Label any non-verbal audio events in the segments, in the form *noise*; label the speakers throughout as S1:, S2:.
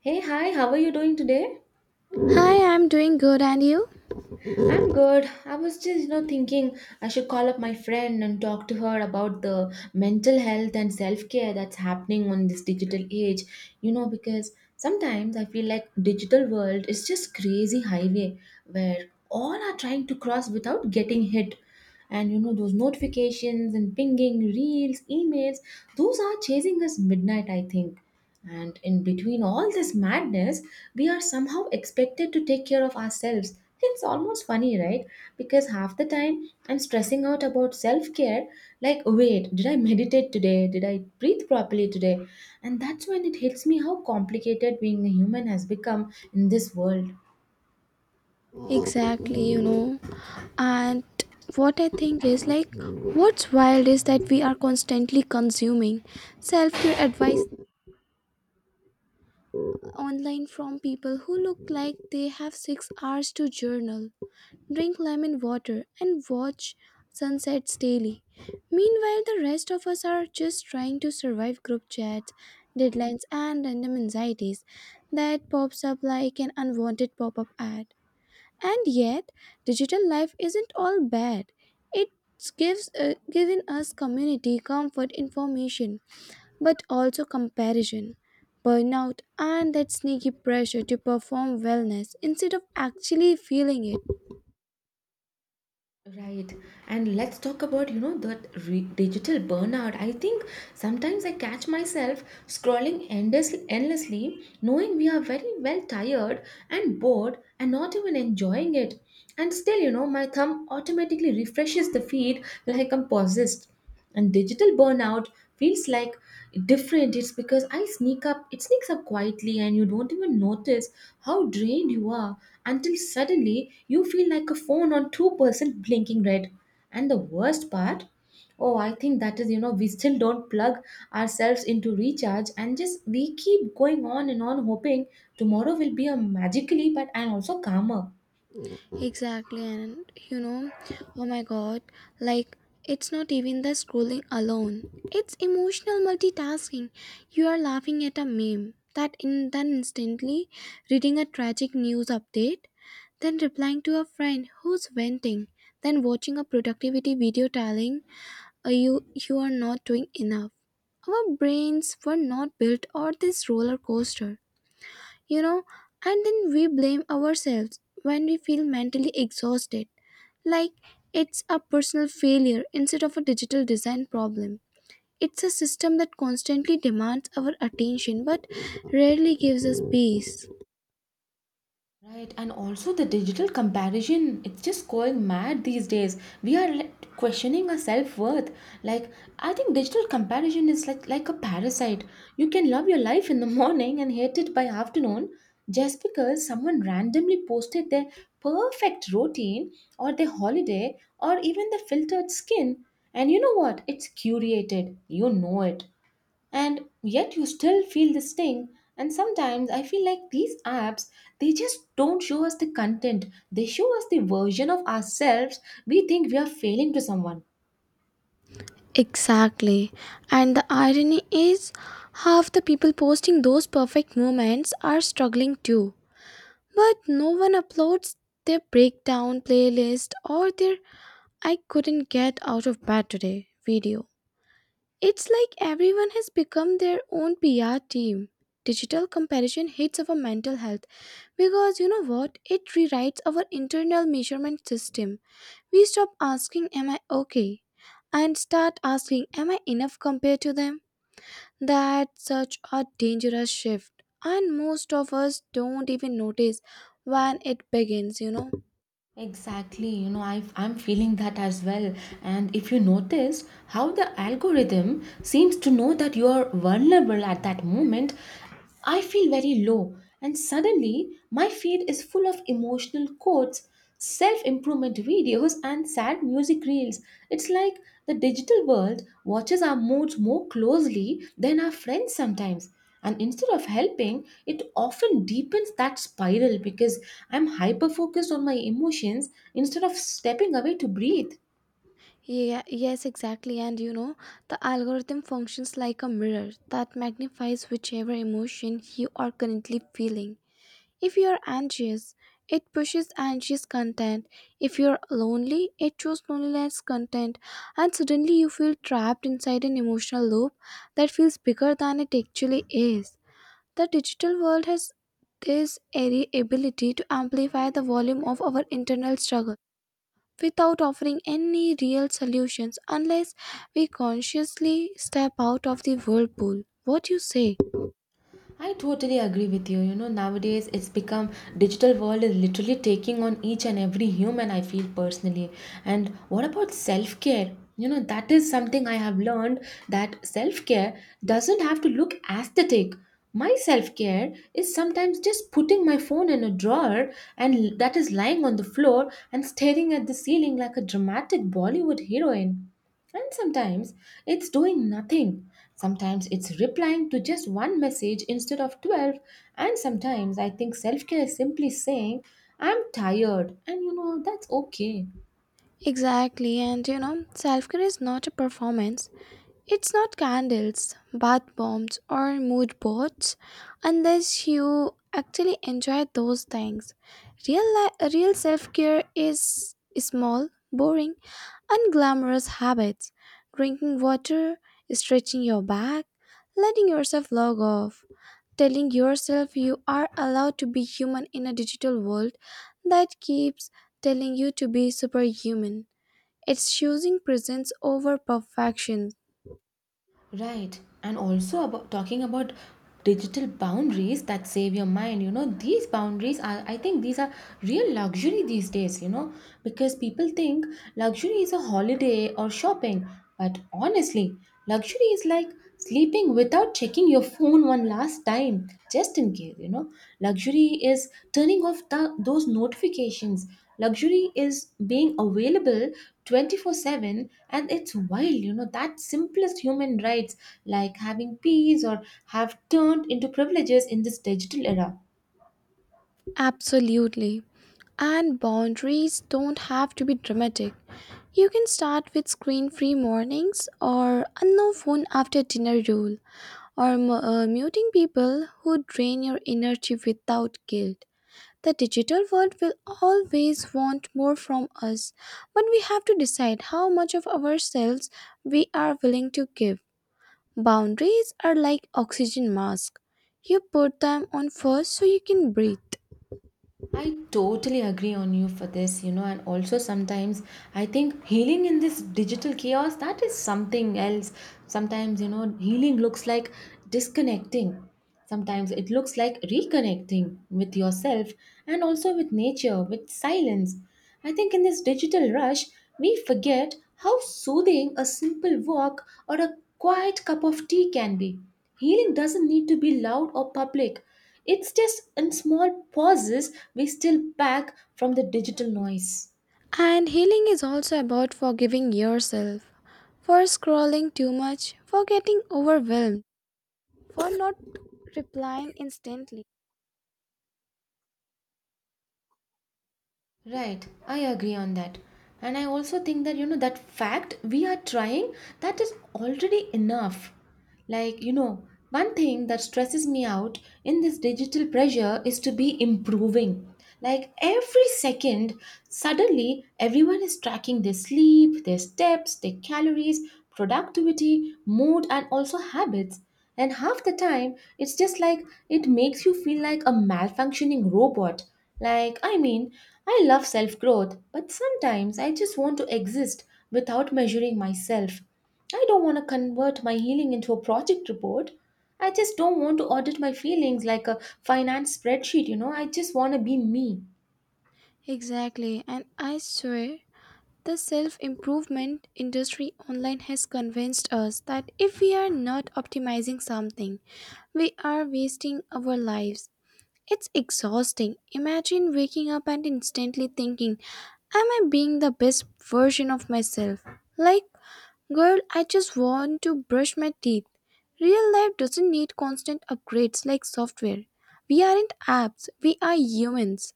S1: Hey, hi, how are you doing today?
S2: Hi, I'm doing good, and you?
S1: I'm good. I was just, thinking I should call up my friend and talk to her about the mental health and self-care that's happening on this digital age. You know, because sometimes I feel like digital world is just crazy highway where all are trying to cross without getting hit. And you know, those notifications and pinging, reels, emails, those are chasing us midnight, I think. And in between all this madness, we are somehow expected to take care of ourselves. It's almost funny, right? Because half the time I'm stressing out about self care, like, wait, did I meditate today? Did I breathe properly today? And that's when it hits me how complicated being a human has become in this world.
S2: Exactly, you know. And what I think is like, what's wild is that we are constantly consuming self care advice online from people who look like they have 6 hours to journal, drink lemon water, and watch sunsets daily. Meanwhile, the rest of us are just trying to survive group chats, deadlines, and random anxieties that pops up like an unwanted pop up ad. And yet, digital life isn't all bad. It gives given us community, comfort, information, but also comparison, burnout, and that sneaky pressure to perform wellness instead of actually feeling it.
S1: Right. And let's talk about, you know, digital burnout. I think sometimes I catch myself scrolling endlessly, endlessly, knowing we are very well tired and bored and not even enjoying it. And still, you know, my thumb automatically refreshes the feed like I'm possessed, and digital burnout feels like different. It's because I sneak up it sneaks up quietly, and you don't even notice how drained you are until suddenly you feel like a phone on 2% blinking red. And the worst part, oh, I think that is, you know, we still don't plug ourselves into recharge and just we keep going on and on, hoping tomorrow will be a magically but and also calmer.
S2: Exactly, and you know, oh my god, like it's not even the scrolling alone, it's emotional multitasking. You are laughing at a meme, that in then instantly reading a tragic news update, then replying to a friend who's venting, then watching a productivity video telling you are not doing enough. Our brains were not built for this roller coaster, you know, and then we blame ourselves when we feel mentally exhausted, like it's a personal failure instead of a digital design problem. It's a system that constantly demands our attention but rarely gives us peace.
S1: Right, and also the digital comparison, it's just going mad these days. We are like questioning our self-worth. Like, I think digital comparison is like a parasite. You can love your life in the *laughs* morning and hate it by afternoon just because someone randomly posted their perfect routine or their holiday or even their filtered skin. And you know what? It's curated. You know it, and yet you still feel the sting. And sometimes I feel like these apps, they just don't show us the content, they show us the version of ourselves we think we are failing to someone.
S2: Exactly. And the irony is, half the people posting those perfect moments are struggling too. But no one uploads their breakdown playlist or their "I couldn't get out of bed today" video. It's like everyone has become their own PR team. Digital comparison hits our mental health because you know what? It rewrites our internal measurement system. We stop asking, "Am I okay?" and start asking, "Am I enough compared to them?" That's such a dangerous shift, and most of us don't even notice when it begins, you know.
S1: Exactly, you know, I'm feeling that as well. And if you notice how the algorithm seems to know that you are vulnerable at that moment, I feel very low. And suddenly, my feed is full of emotional quotes, self improvement videos, and sad music reels. It's like the digital world watches our moods more closely than our friends sometimes, and instead of helping, it often deepens that spiral because I'm hyper focused on my emotions instead of stepping away to breathe.
S2: Yeah, yes, exactly. And you know, the algorithm functions like a mirror that magnifies whichever emotion you are currently feeling. If you are anxious, it pushes anxious content. If you are lonely, it shows loneliness content. And suddenly you feel trapped inside an emotional loop that feels bigger than it actually is. The digital world has this airy ability to amplify the volume of our internal struggle without offering any real solutions unless we consciously step out of the whirlpool. What you say?
S1: I totally agree with you. You know, nowadays it's become digital world is literally taking on each and every human, I feel personally. And what about self-care? You know, that is something I have learned, that self-care doesn't have to look aesthetic. My self-care is sometimes just putting my phone in a drawer and l- that is lying on the floor and staring at the ceiling like a dramatic Bollywood heroine. And sometimes it's doing nothing. Sometimes it's replying to just one message instead of 12. And sometimes I think self care is simply saying, I'm tired. And you know, that's okay.
S2: Exactly, and you know, self care is not a performance. It's not candles, bath bombs, or mood boards unless you actually enjoy those things. Real self care is small, boring, and glamorous habits: drinking water, stretching your back, letting yourself log off, telling yourself you are allowed to be human in a digital world that keeps telling you to be superhuman. It's choosing presence over perfection.
S1: Right. And also about talking about digital boundaries that save your mind, you know, these boundaries are, I think, these are real luxury these days, you know, because people think luxury is a holiday or shopping. But honestly, luxury is like sleeping without checking your phone one last time, just in case, you know. Luxury is turning off the, those notifications. Luxury is being available 24/7, and it's wild, you know, that simplest human rights like having peace or have turned into privileges in this digital era.
S2: Absolutely. And boundaries don't have to be dramatic. You can start with screen free mornings or a no phone after dinner rule, or muting people who drain your energy without guilt. The digital world will always want more from us, but we have to decide how much of ourselves we are willing to give. Boundaries are like oxygen mask. You put them on first so you can breathe.
S1: I totally agree on you for this, you know, and also sometimes I think healing in this digital chaos, that is something else. Sometimes, you know, healing looks like disconnecting. Sometimes it looks like reconnecting with yourself, and also with nature, with silence. I think in this digital rush, we forget how soothing a simple walk or a quiet cup of tea can be. Healing doesn't need to be loud or public. It's just in small pauses we still back from the digital noise.
S2: And healing is also about forgiving yourself for scrolling too much, for getting overwhelmed, for not replying instantly.
S1: Right, I agree on that. And I also think that, you know, that fact we are trying, that is already enough. Like, you know, one thing that stresses me out in this digital pressure is to be improving. Like, every second, suddenly everyone is tracking their sleep, their steps, their calories, productivity, mood, and also habits. And half the time, it's just like it makes you feel like a malfunctioning robot, like, I mean, I love self growth, but sometimes I just want to exist without measuring myself. I don't want to convert my healing into a project report. I just don't want to audit my feelings like a finance spreadsheet, you know. I just want to be me.
S2: Exactly, and I swear the self improvement industry online has convinced us that if we are not optimizing something, we are wasting our lives. It's exhausting. Imagine waking up and instantly thinking, "Am I being the best version of myself?" Like, girl, I just want to brush my teeth. Real life doesn't need constant upgrades like software. We aren't apps, we are humans.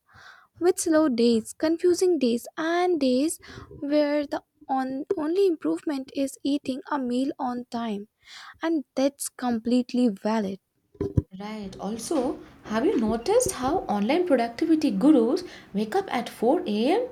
S2: With slow days, confusing days, and days where the only improvement is eating a meal on time. And that's completely valid.
S1: Right. Also, have you noticed how online productivity gurus wake up at 4 a.m.?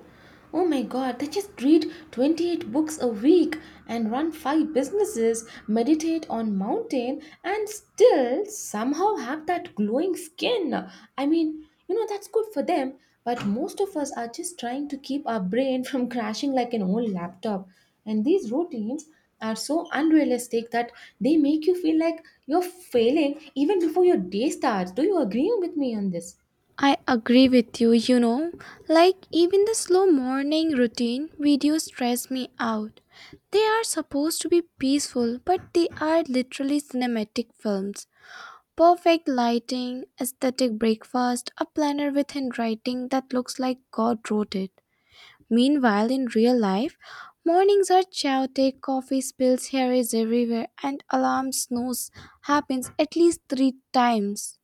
S1: Oh my god, they just read 28 books a week and run 5 businesses, meditate on mountain, and still somehow have that glowing skin. I mean, you know, that's good for them, but most of us are just trying to keep our brain from *laughs* crashing like an old laptop. And these routines are so unrealistic that they make you feel like you're failing even before your day starts. Do you agree with me on this?
S2: I agree with you, you know, like even the slow morning routine videos stress me out. They are supposed to be peaceful, but they are literally cinematic films. Perfect lighting, aesthetic breakfast, a planner with handwriting that looks like God wrote it. Meanwhile, in real life, mornings are chaotic, coffee spills, hair is everywhere, and alarm snooze happens at least three times.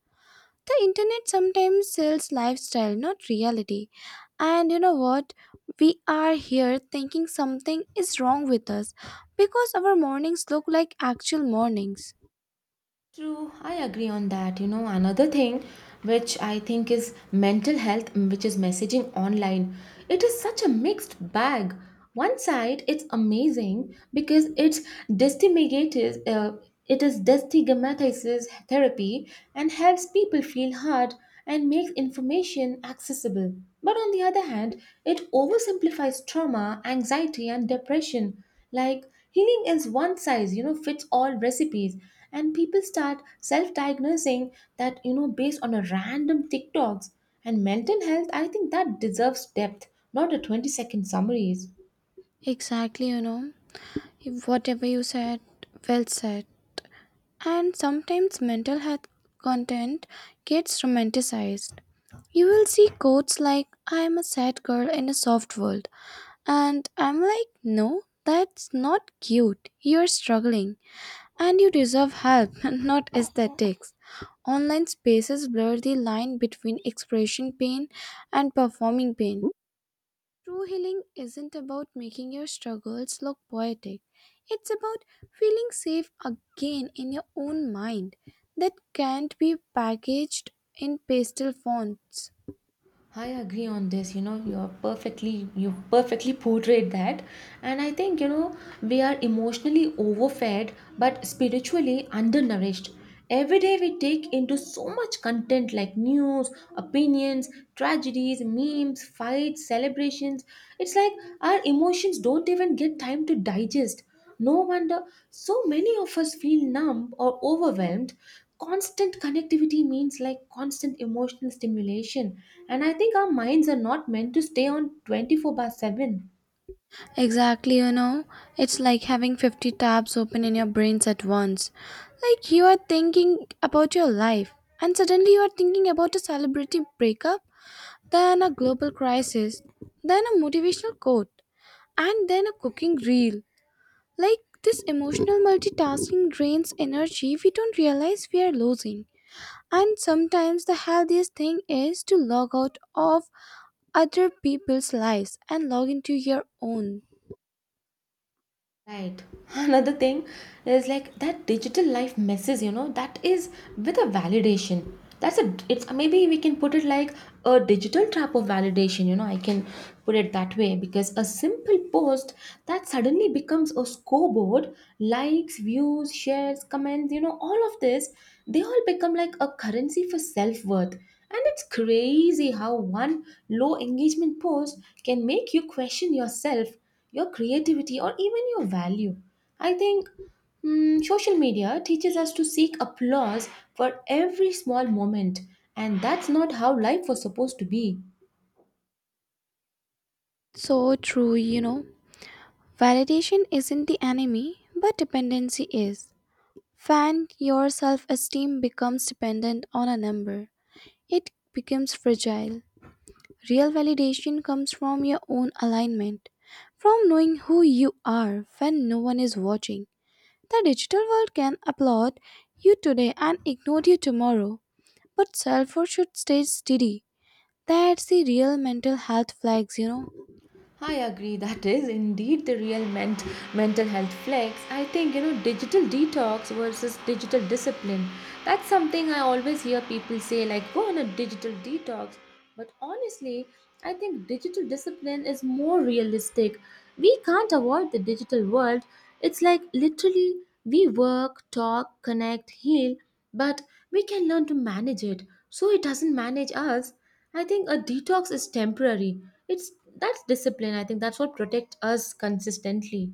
S2: The internet sometimes sells lifestyle, not reality, and you know what? We are here thinking something is wrong with us because our mornings look like actual mornings.
S1: True, I agree on that. You know, another thing which I think is mental health, which is messaging online. It is such a mixed bag. One side, it's amazing because destigmatizes, uh, it is destigmatizes therapy and helps people feel heard and makes information accessible. But on the other hand, it oversimplifies trauma, anxiety, and depression. Like healing is one size, you know, fits all recipes. And people start self diagnosing that, you know, based on a random TikToks. And mental health, I think that deserves depth, not a 20-second summaries.
S2: Exactly, you know, whatever you said, well said. And sometimes mental health content gets romanticized. You will see quotes like "I am a sad girl in a soft world," and I'm like, no, that's not cute, you're struggling. And you deserve help, *laughs* not aesthetics. Online spaces blur the line between expression pain and performing pain. True healing isn't about making your struggles look poetic, it's about feeling safe again in your own mind. That can't be packaged in pastel fonts.
S1: I agree on this. You know, you perfectly portrayed that, and I think you know we are emotionally overfed but spiritually undernourished. Every day we take into so much content like news, opinions, tragedies, memes, fights, celebrations. It's like our emotions don't even get time to digest. No wonder so many of us feel numb or overwhelmed. Constant connectivity means like constant emotional stimulation, and I think our minds are not meant to stay on 24 by 7.
S2: Exactly, you know, it's like having 50 tabs open in your brains at once. Like you are thinking about your life, and suddenly you are thinking about a celebrity breakup, then a global crisis, then a motivational quote, and then a cooking reel. Like this emotional multitasking drains energy we don't realize we are losing. And sometimes the healthiest thing is to log out of other people's lives and log into your own.
S1: Right. *laughs* Another thing is like that digital life messes, you know, that is with a validation. That's it's maybe we can put it like a digital trap of validation, you know, I can put it that way because a simple post that suddenly becomes a scoreboard, likes, views, shares, comments, you know, all of this, they all become like a currency for self worth. And it's crazy how one low engagement post can make you question yourself, your creativity, or even your value. I think social media teaches us to seek applause for every small moment, and that's not how life was supposed to be.
S2: So true, you know. Validation isn't the enemy, but dependency is. When your self esteem becomes dependent on a number, it becomes fragile. Real validation comes from your own alignment, from knowing who you are when no one is watching. The digital world can applaud you today and ignore you tomorrow, but self worth should stay steady. That's the real mental health flags, you know.
S1: I agree. That is indeed the mental health flex. I think, you know, digital detox versus digital discipline. That's something I always hear people say, like, go on a digital detox. But honestly, I think digital discipline is more realistic. We can't avoid the digital world. It's like literally we work, talk, connect, heal, but we can learn to manage it so it doesn't manage us. I think a detox is temporary, it's that's discipline. I think that's what protects us consistently.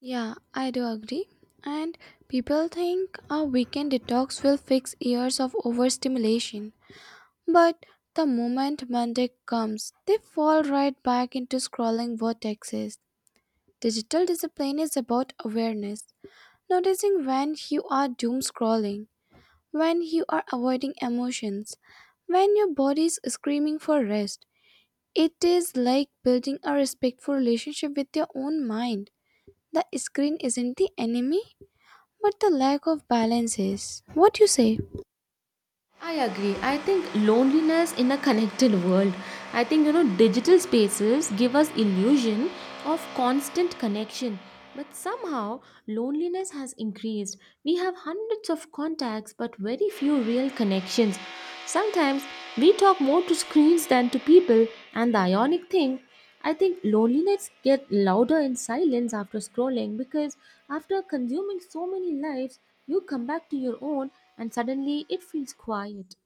S2: Yeah, I do agree. And people think a weekend detox will fix years of overstimulation. But the moment Monday comes, they fall right back into scrolling vortexes. Digital discipline is about awareness, noticing when you are doom scrolling, when you are avoiding emotions, when your body is screaming for rest. It is like building a respectful relationship with your own mind. The screen isn't the enemy, but the lack of balance is. What you say?
S1: I agree. I think loneliness in a connected world. I think you know digital spaces give us illusion of constant connection. But somehow loneliness has increased. We have hundreds of contacts but very few real connections. Sometimes we talk more to screens than to people, and the ionic thing, I think loneliness gets louder in silence after scrolling because after consuming so many lives, you come back to your own and suddenly it feels quiet.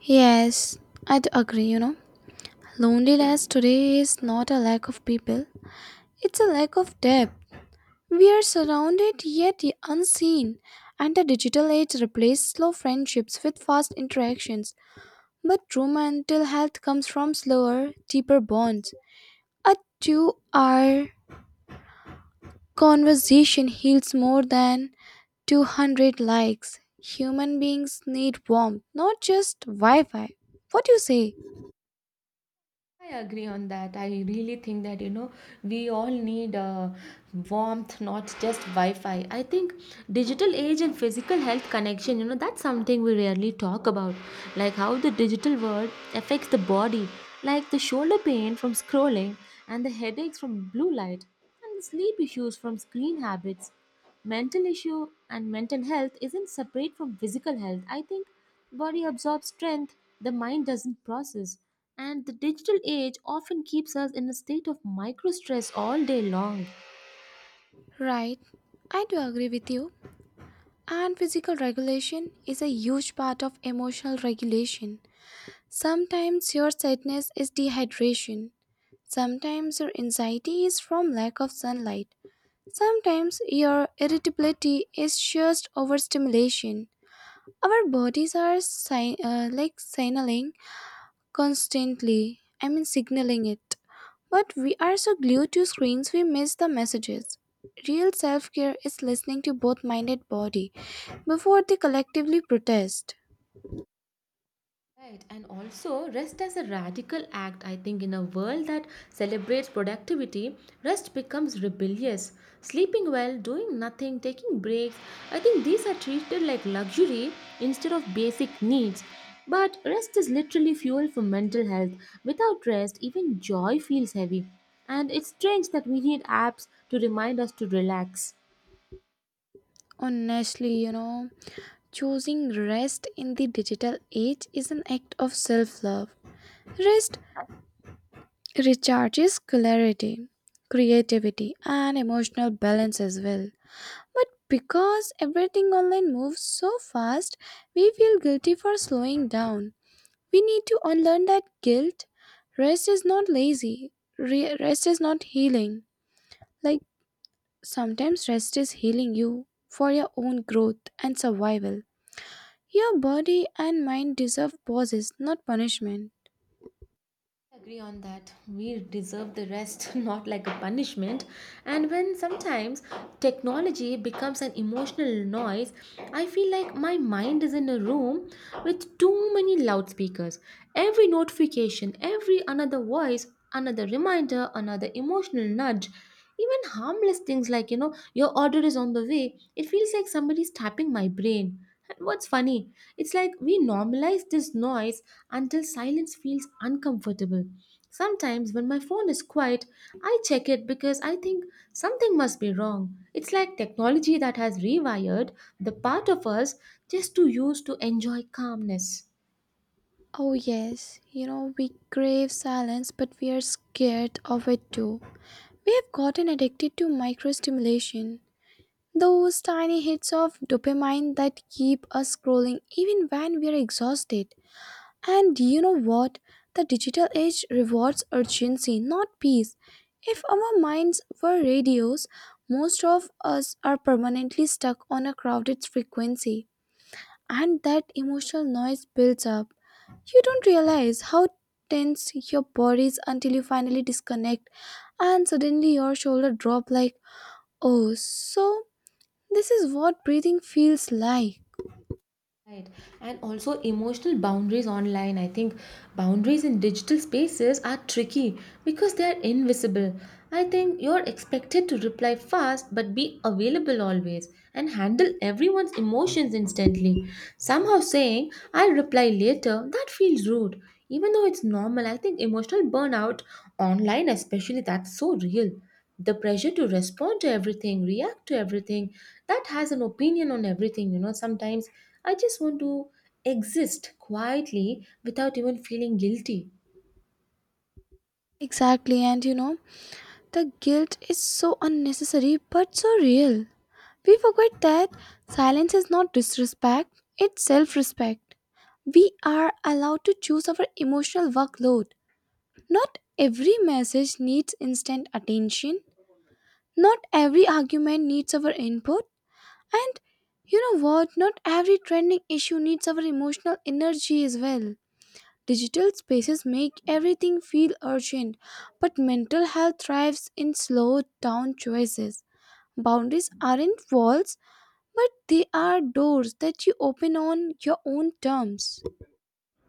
S2: Yes, I'd agree, you know. Loneliness today is not a lack of people, it's a lack of depth. We are surrounded yet unseen, and the digital age replaced slow friendships with fast interactions. But true mental health comes from slower, deeper bonds. A 2-hour conversation heals more than 200 likes. Human beings need warmth, not just Wi Fi. What do you say?
S1: I agree on that. I really think that you know we all need warmth, not just Wi-Fi. I think digital age and physical health connection. You know that's something we rarely talk about, like how the digital world affects the body, like the shoulder pain from scrolling and the headaches from blue light and the sleep issues from screen habits. Mental issue and mental health isn't separate from physical health. I think body absorbs strength the mind doesn't process, and the digital age often keeps us in a state of micro stress all day long.
S2: Right, I do agree with you. And physical regulation is a huge part of emotional regulation. Sometimes your sadness is dehydration. Sometimes your anxiety is from lack of sunlight. Sometimes your irritability is just overstimulation. Our bodies are like signaling constantly, I mean, signaling it. But we are so glued to screens we miss the messages. Real self care is listening to both mind and body before they collectively protest.
S1: Right, and also rest as a radical act. I think in a world that celebrates productivity, rest becomes rebellious. Sleeping well, doing nothing, taking breaks, I think these are treated like luxury instead of basic needs. But rest is literally fuel for mental health. Without rest, even joy feels heavy. And it's strange that we need apps to remind us to relax.
S2: Honestly, you know, choosing rest in the digital age is an act of self love. Rest recharges clarity, creativity, and emotional balance as well. But because everything online moves so fast, we feel guilty for slowing down. We need to unlearn that guilt. Rest is not lazy. Rest is not healing. Like sometimes rest is healing you for your own growth and survival. Your body and mind deserve pauses, not punishment.
S1: Agree on that, we deserve the rest *laughs* not like a punishment. And when sometimes technology becomes an emotional noise, I feel like my mind is in a room with too many loudspeakers. Every notification, every another voice, another reminder, another emotional nudge. Even harmless things like your order is on the way, it feels like somebody's tapping my brain. And what's funny, it's like we normalize this noise until silence feels uncomfortable. Sometimes, when my phone is quiet, I check it because I think something must be wrong. It's like technology that has rewired the part of us just to use to enjoy calmness.
S2: Oh, yes, you know, we crave silence, but we are scared of it too. We have gotten addicted to microstimulation, those tiny hits of dopamine that keep us scrolling even when we are exhausted. And do you know what? The digital age rewards urgency, not peace. If our minds were radios, most of us are permanently stuck on a crowded frequency, and that emotional noise builds up. You don't realize how tense your body is until you finally disconnect, and suddenly your shoulder drop like, "Oh, so this is what breathing feels like."
S1: Right. And also emotional boundaries online. I think boundaries in digital spaces are tricky because they are invisible. I think you're expected to reply fast but be available always and handle everyone's emotions instantly. Somehow saying, I'll reply later, that feels rude. Even though it's normal, I think emotional burnout online, especially, that's so real. The pressure to respond to everything, react to everything, that has an opinion on everything. You know, sometimes I just want to exist quietly without even feeling guilty.
S2: Exactly, and you know, the guilt is so unnecessary but so real. We forget that silence is not disrespect, it's self respect. We are allowed to choose our emotional workload. Not every message needs instant attention, not every argument needs our input, and you know what? Not every trending issue needs our emotional energy as well. Digital spaces make everything feel urgent, but mental health thrives in slow down choices. Boundaries aren't walls, but they are doors that you open on your own terms.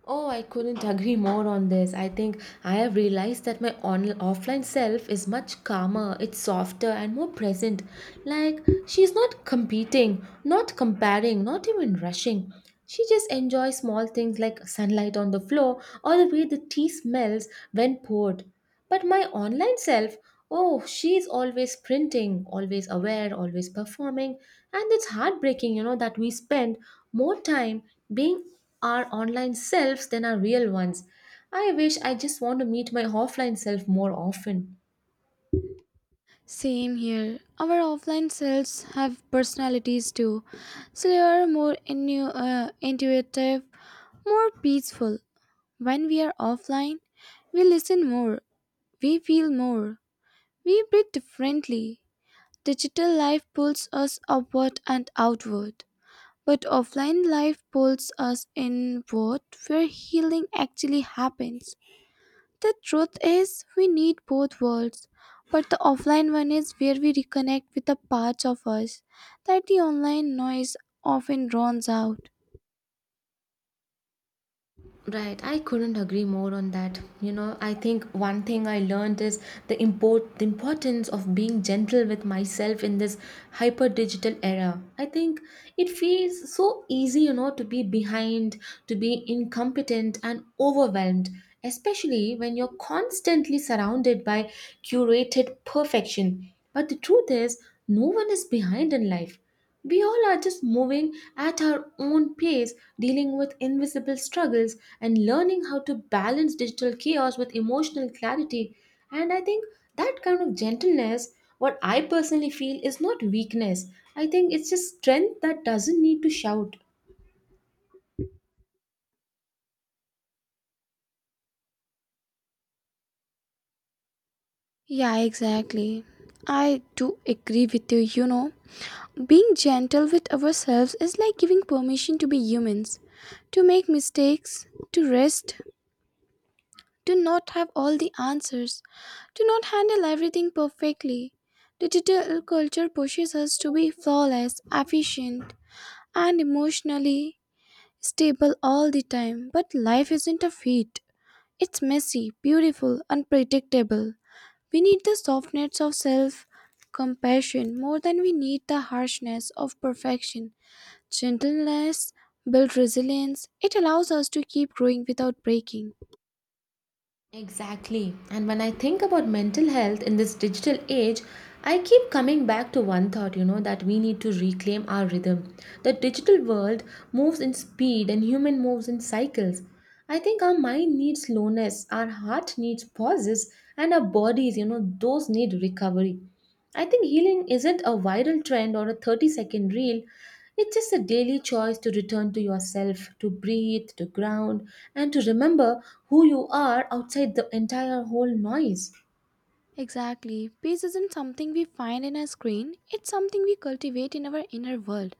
S1: Oh, I couldn't agree more on this. I think I have realized that my offline self is much calmer, it's softer and more present. Like, she's not competing, not comparing, not even rushing. She just enjoys small things like sunlight on the floor or the way the tea smells when poured. But my online self, oh, she's always printing, always aware, always performing. And it's heartbreaking, you know, that we spend more time being our online selves than our real ones. I wish I just want to meet my offline self more often.
S2: Same here. Our offline selves have personalities too. So they are more intuitive, more peaceful. When we are offline, we listen more, we feel more, we breathe differently. Digital life pulls us upward and outward, but offline life pulls us inward where healing actually happens. The truth is, we need both worlds, but the offline one is where we reconnect with the parts of us that the online noise often drowns out.
S1: Right, I couldn't agree more on that. You know, I think one thing I learned is the importance of being gentle with myself in this hyper digital era. I think it feels so easy, you know, to be behind, to be incompetent and overwhelmed, especially when you're constantly surrounded by curated perfection. But the truth is, no one is behind in life. We all are just moving at our own pace, dealing with invisible struggles and learning how to balance digital chaos with emotional clarity. And I think that kind of gentleness, what I personally feel, is not weakness. I think it's just strength that doesn't need to shout.
S2: Yeah, exactly. I do agree with you, you know. Being gentle with ourselves is like giving permission to be humans, to make mistakes, to rest, to not have all the answers, to not handle everything perfectly. Digital culture pushes us to be flawless, efficient, and emotionally stable all the time. But life isn't a feat. It's messy, beautiful, unpredictable. We need the softness of self compassion more than we need the harshness of perfection. Gentleness builds resilience, it allows us to keep growing without breaking.
S1: Exactly. And when I think about mental health in this digital age, I keep coming back to one thought, you know, that we need to reclaim our rhythm. The digital world moves in speed and human moves in cycles. I think our mind needs slowness, our heart needs pauses, and our bodies, you know, those need recovery. I think healing isn't a viral trend or a 30-second reel. It's just a daily choice to return to yourself, to breathe, to ground, and to remember who you are outside the entire whole noise.
S2: Exactly. Peace isn't something we find in a screen, it's something we cultivate in our inner world.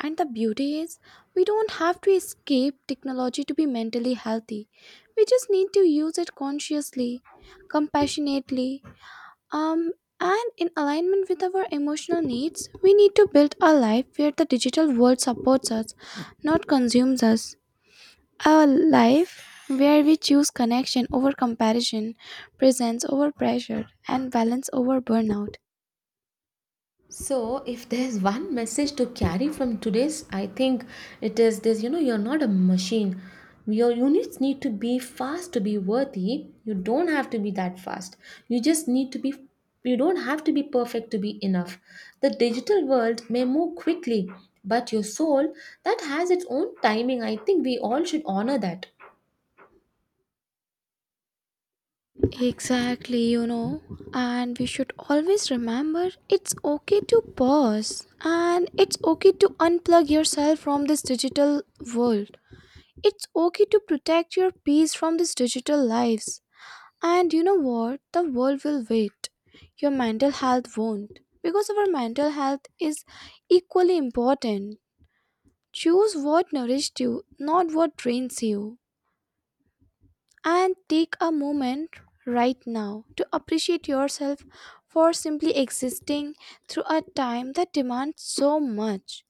S2: And the beauty is, we don't have to escape technology to be mentally healthy. We just need to use it consciously, compassionately, um, and in alignment with our emotional needs. We need to build a life where the digital world supports us, not consumes us. A life where we choose connection over comparison, presence over pressure, and balance over burnout.
S1: So, if there's one message to carry from today's, I think it is this, you know, you're not a machine. Your units need to be fast to be worthy. You don't have to be that fast. You just need to be, you don't have to be perfect to be enough. The digital world may move quickly, but your soul, that has its own timing. I think we all should honor that.
S2: Exactly, you know. And we should always remember, it's okay to pause and it's okay to unplug yourself from this digital world. It's okay to protect your peace from these digital lives. And you know what? The world will wait. Your mental health won't. Because our mental health is equally important. Choose what nourished you, not what drains you. And take a moment right now to appreciate yourself for simply existing through a time that demands so much.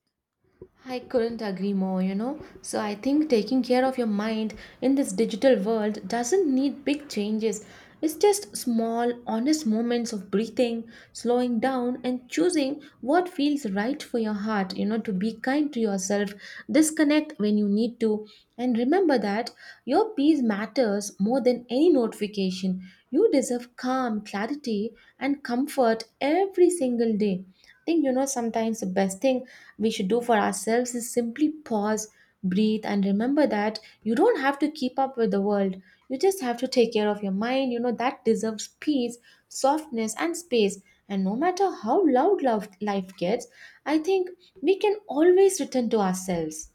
S1: I couldn't agree more, you know. So I think taking care of your mind in this digital world doesn't need big changes. It's just small, honest moments of breathing, slowing down, and choosing what feels right for your heart, you know, to be kind to yourself, disconnect when you need to, and remember that your peace matters more than any notification. You deserve calm, clarity, and comfort every single day. Think, you know, sometimes the best thing we should do for ourselves is simply pause, breathe, and remember that you don't have to keep up with the world. You just have to take care of your mind, you know, that deserves peace, softness, and space. And no matter how loud love life gets, I think we can always return to ourselves.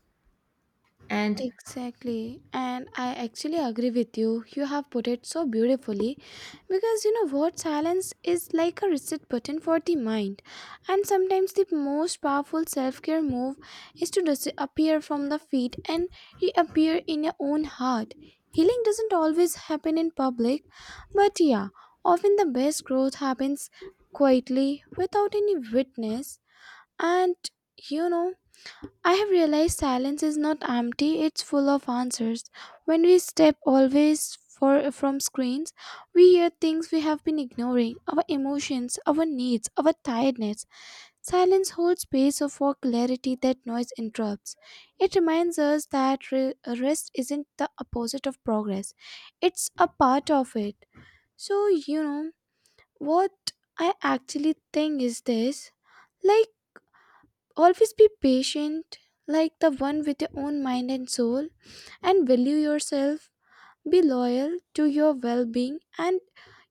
S1: And
S2: Exactly, and I actually agree with you. You have put it so beautifully because you know what? Silence is like a reset button for the mind, and sometimes the most powerful self care move is to disappear from the feet and reappear in your own heart. Healing doesn't always happen in public, but yeah, often the best growth happens quietly without any witness, and you know. I have realized silence is not empty, it's full of answers. When we step always from screens, we hear things we have been ignoring: our emotions, our needs, our tiredness. Silence holds space for clarity that noise interrupts. It reminds us that rest isn't the opposite of progress, it's a part of it. So, you know, what I actually think is this, like, always be patient, like the one with your own mind and soul, and value yourself. Be loyal to your well being and,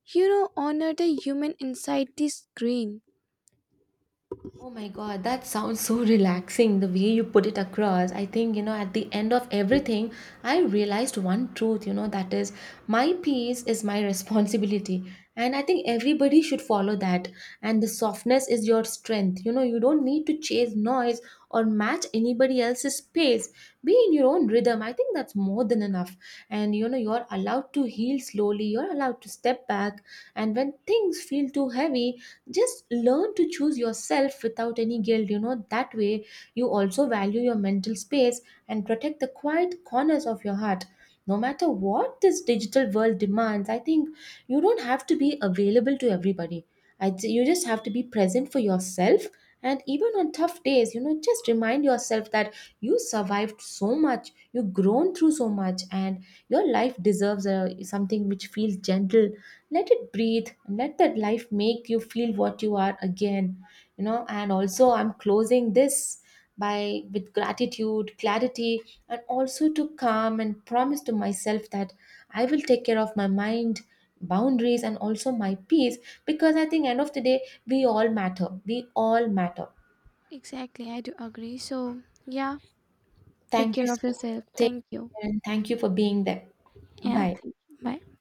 S2: you know, honor the human inside the screen.
S1: oh my god, that sounds so relaxing the way you put it across. I think, you know, at the end of everything, I realized one truth, you know, that is my peace is my responsibility. And I think everybody should follow that. And the softness is your strength. You know, you don't need to chase noise or match anybody else's pace. Be in your own rhythm. I think that's more than enough. And, you know, you're allowed to heal slowly, you're allowed to step back. And when things feel too heavy, just learn to choose yourself without any guilt. You know, that way you also value your mental space and protect the quiet corners of your heart. No matter what this digital world demands, I think you don't have to be available to everybody. You just have to be present for yourself. And even on tough days, you know, just remind yourself that you survived so much, you've grown through so much. And your life deserves a, something which feels gentle. Let it breathe, let that life make you feel what you are again. You know, and also I'm closing this by with gratitude, clarity, and also to calm and promise to myself that I will take care of my mind, boundaries, and also my peace. Because I think end of the day we all matter. We all matter.
S2: Exactly, I do agree. So, yeah, take
S1: Thank you
S2: care of
S1: so.
S2: yourself.
S1: Take
S2: Thank you.
S1: care and thank you for being there.
S2: Yeah,
S1: Bye.
S2: thank you. Bye.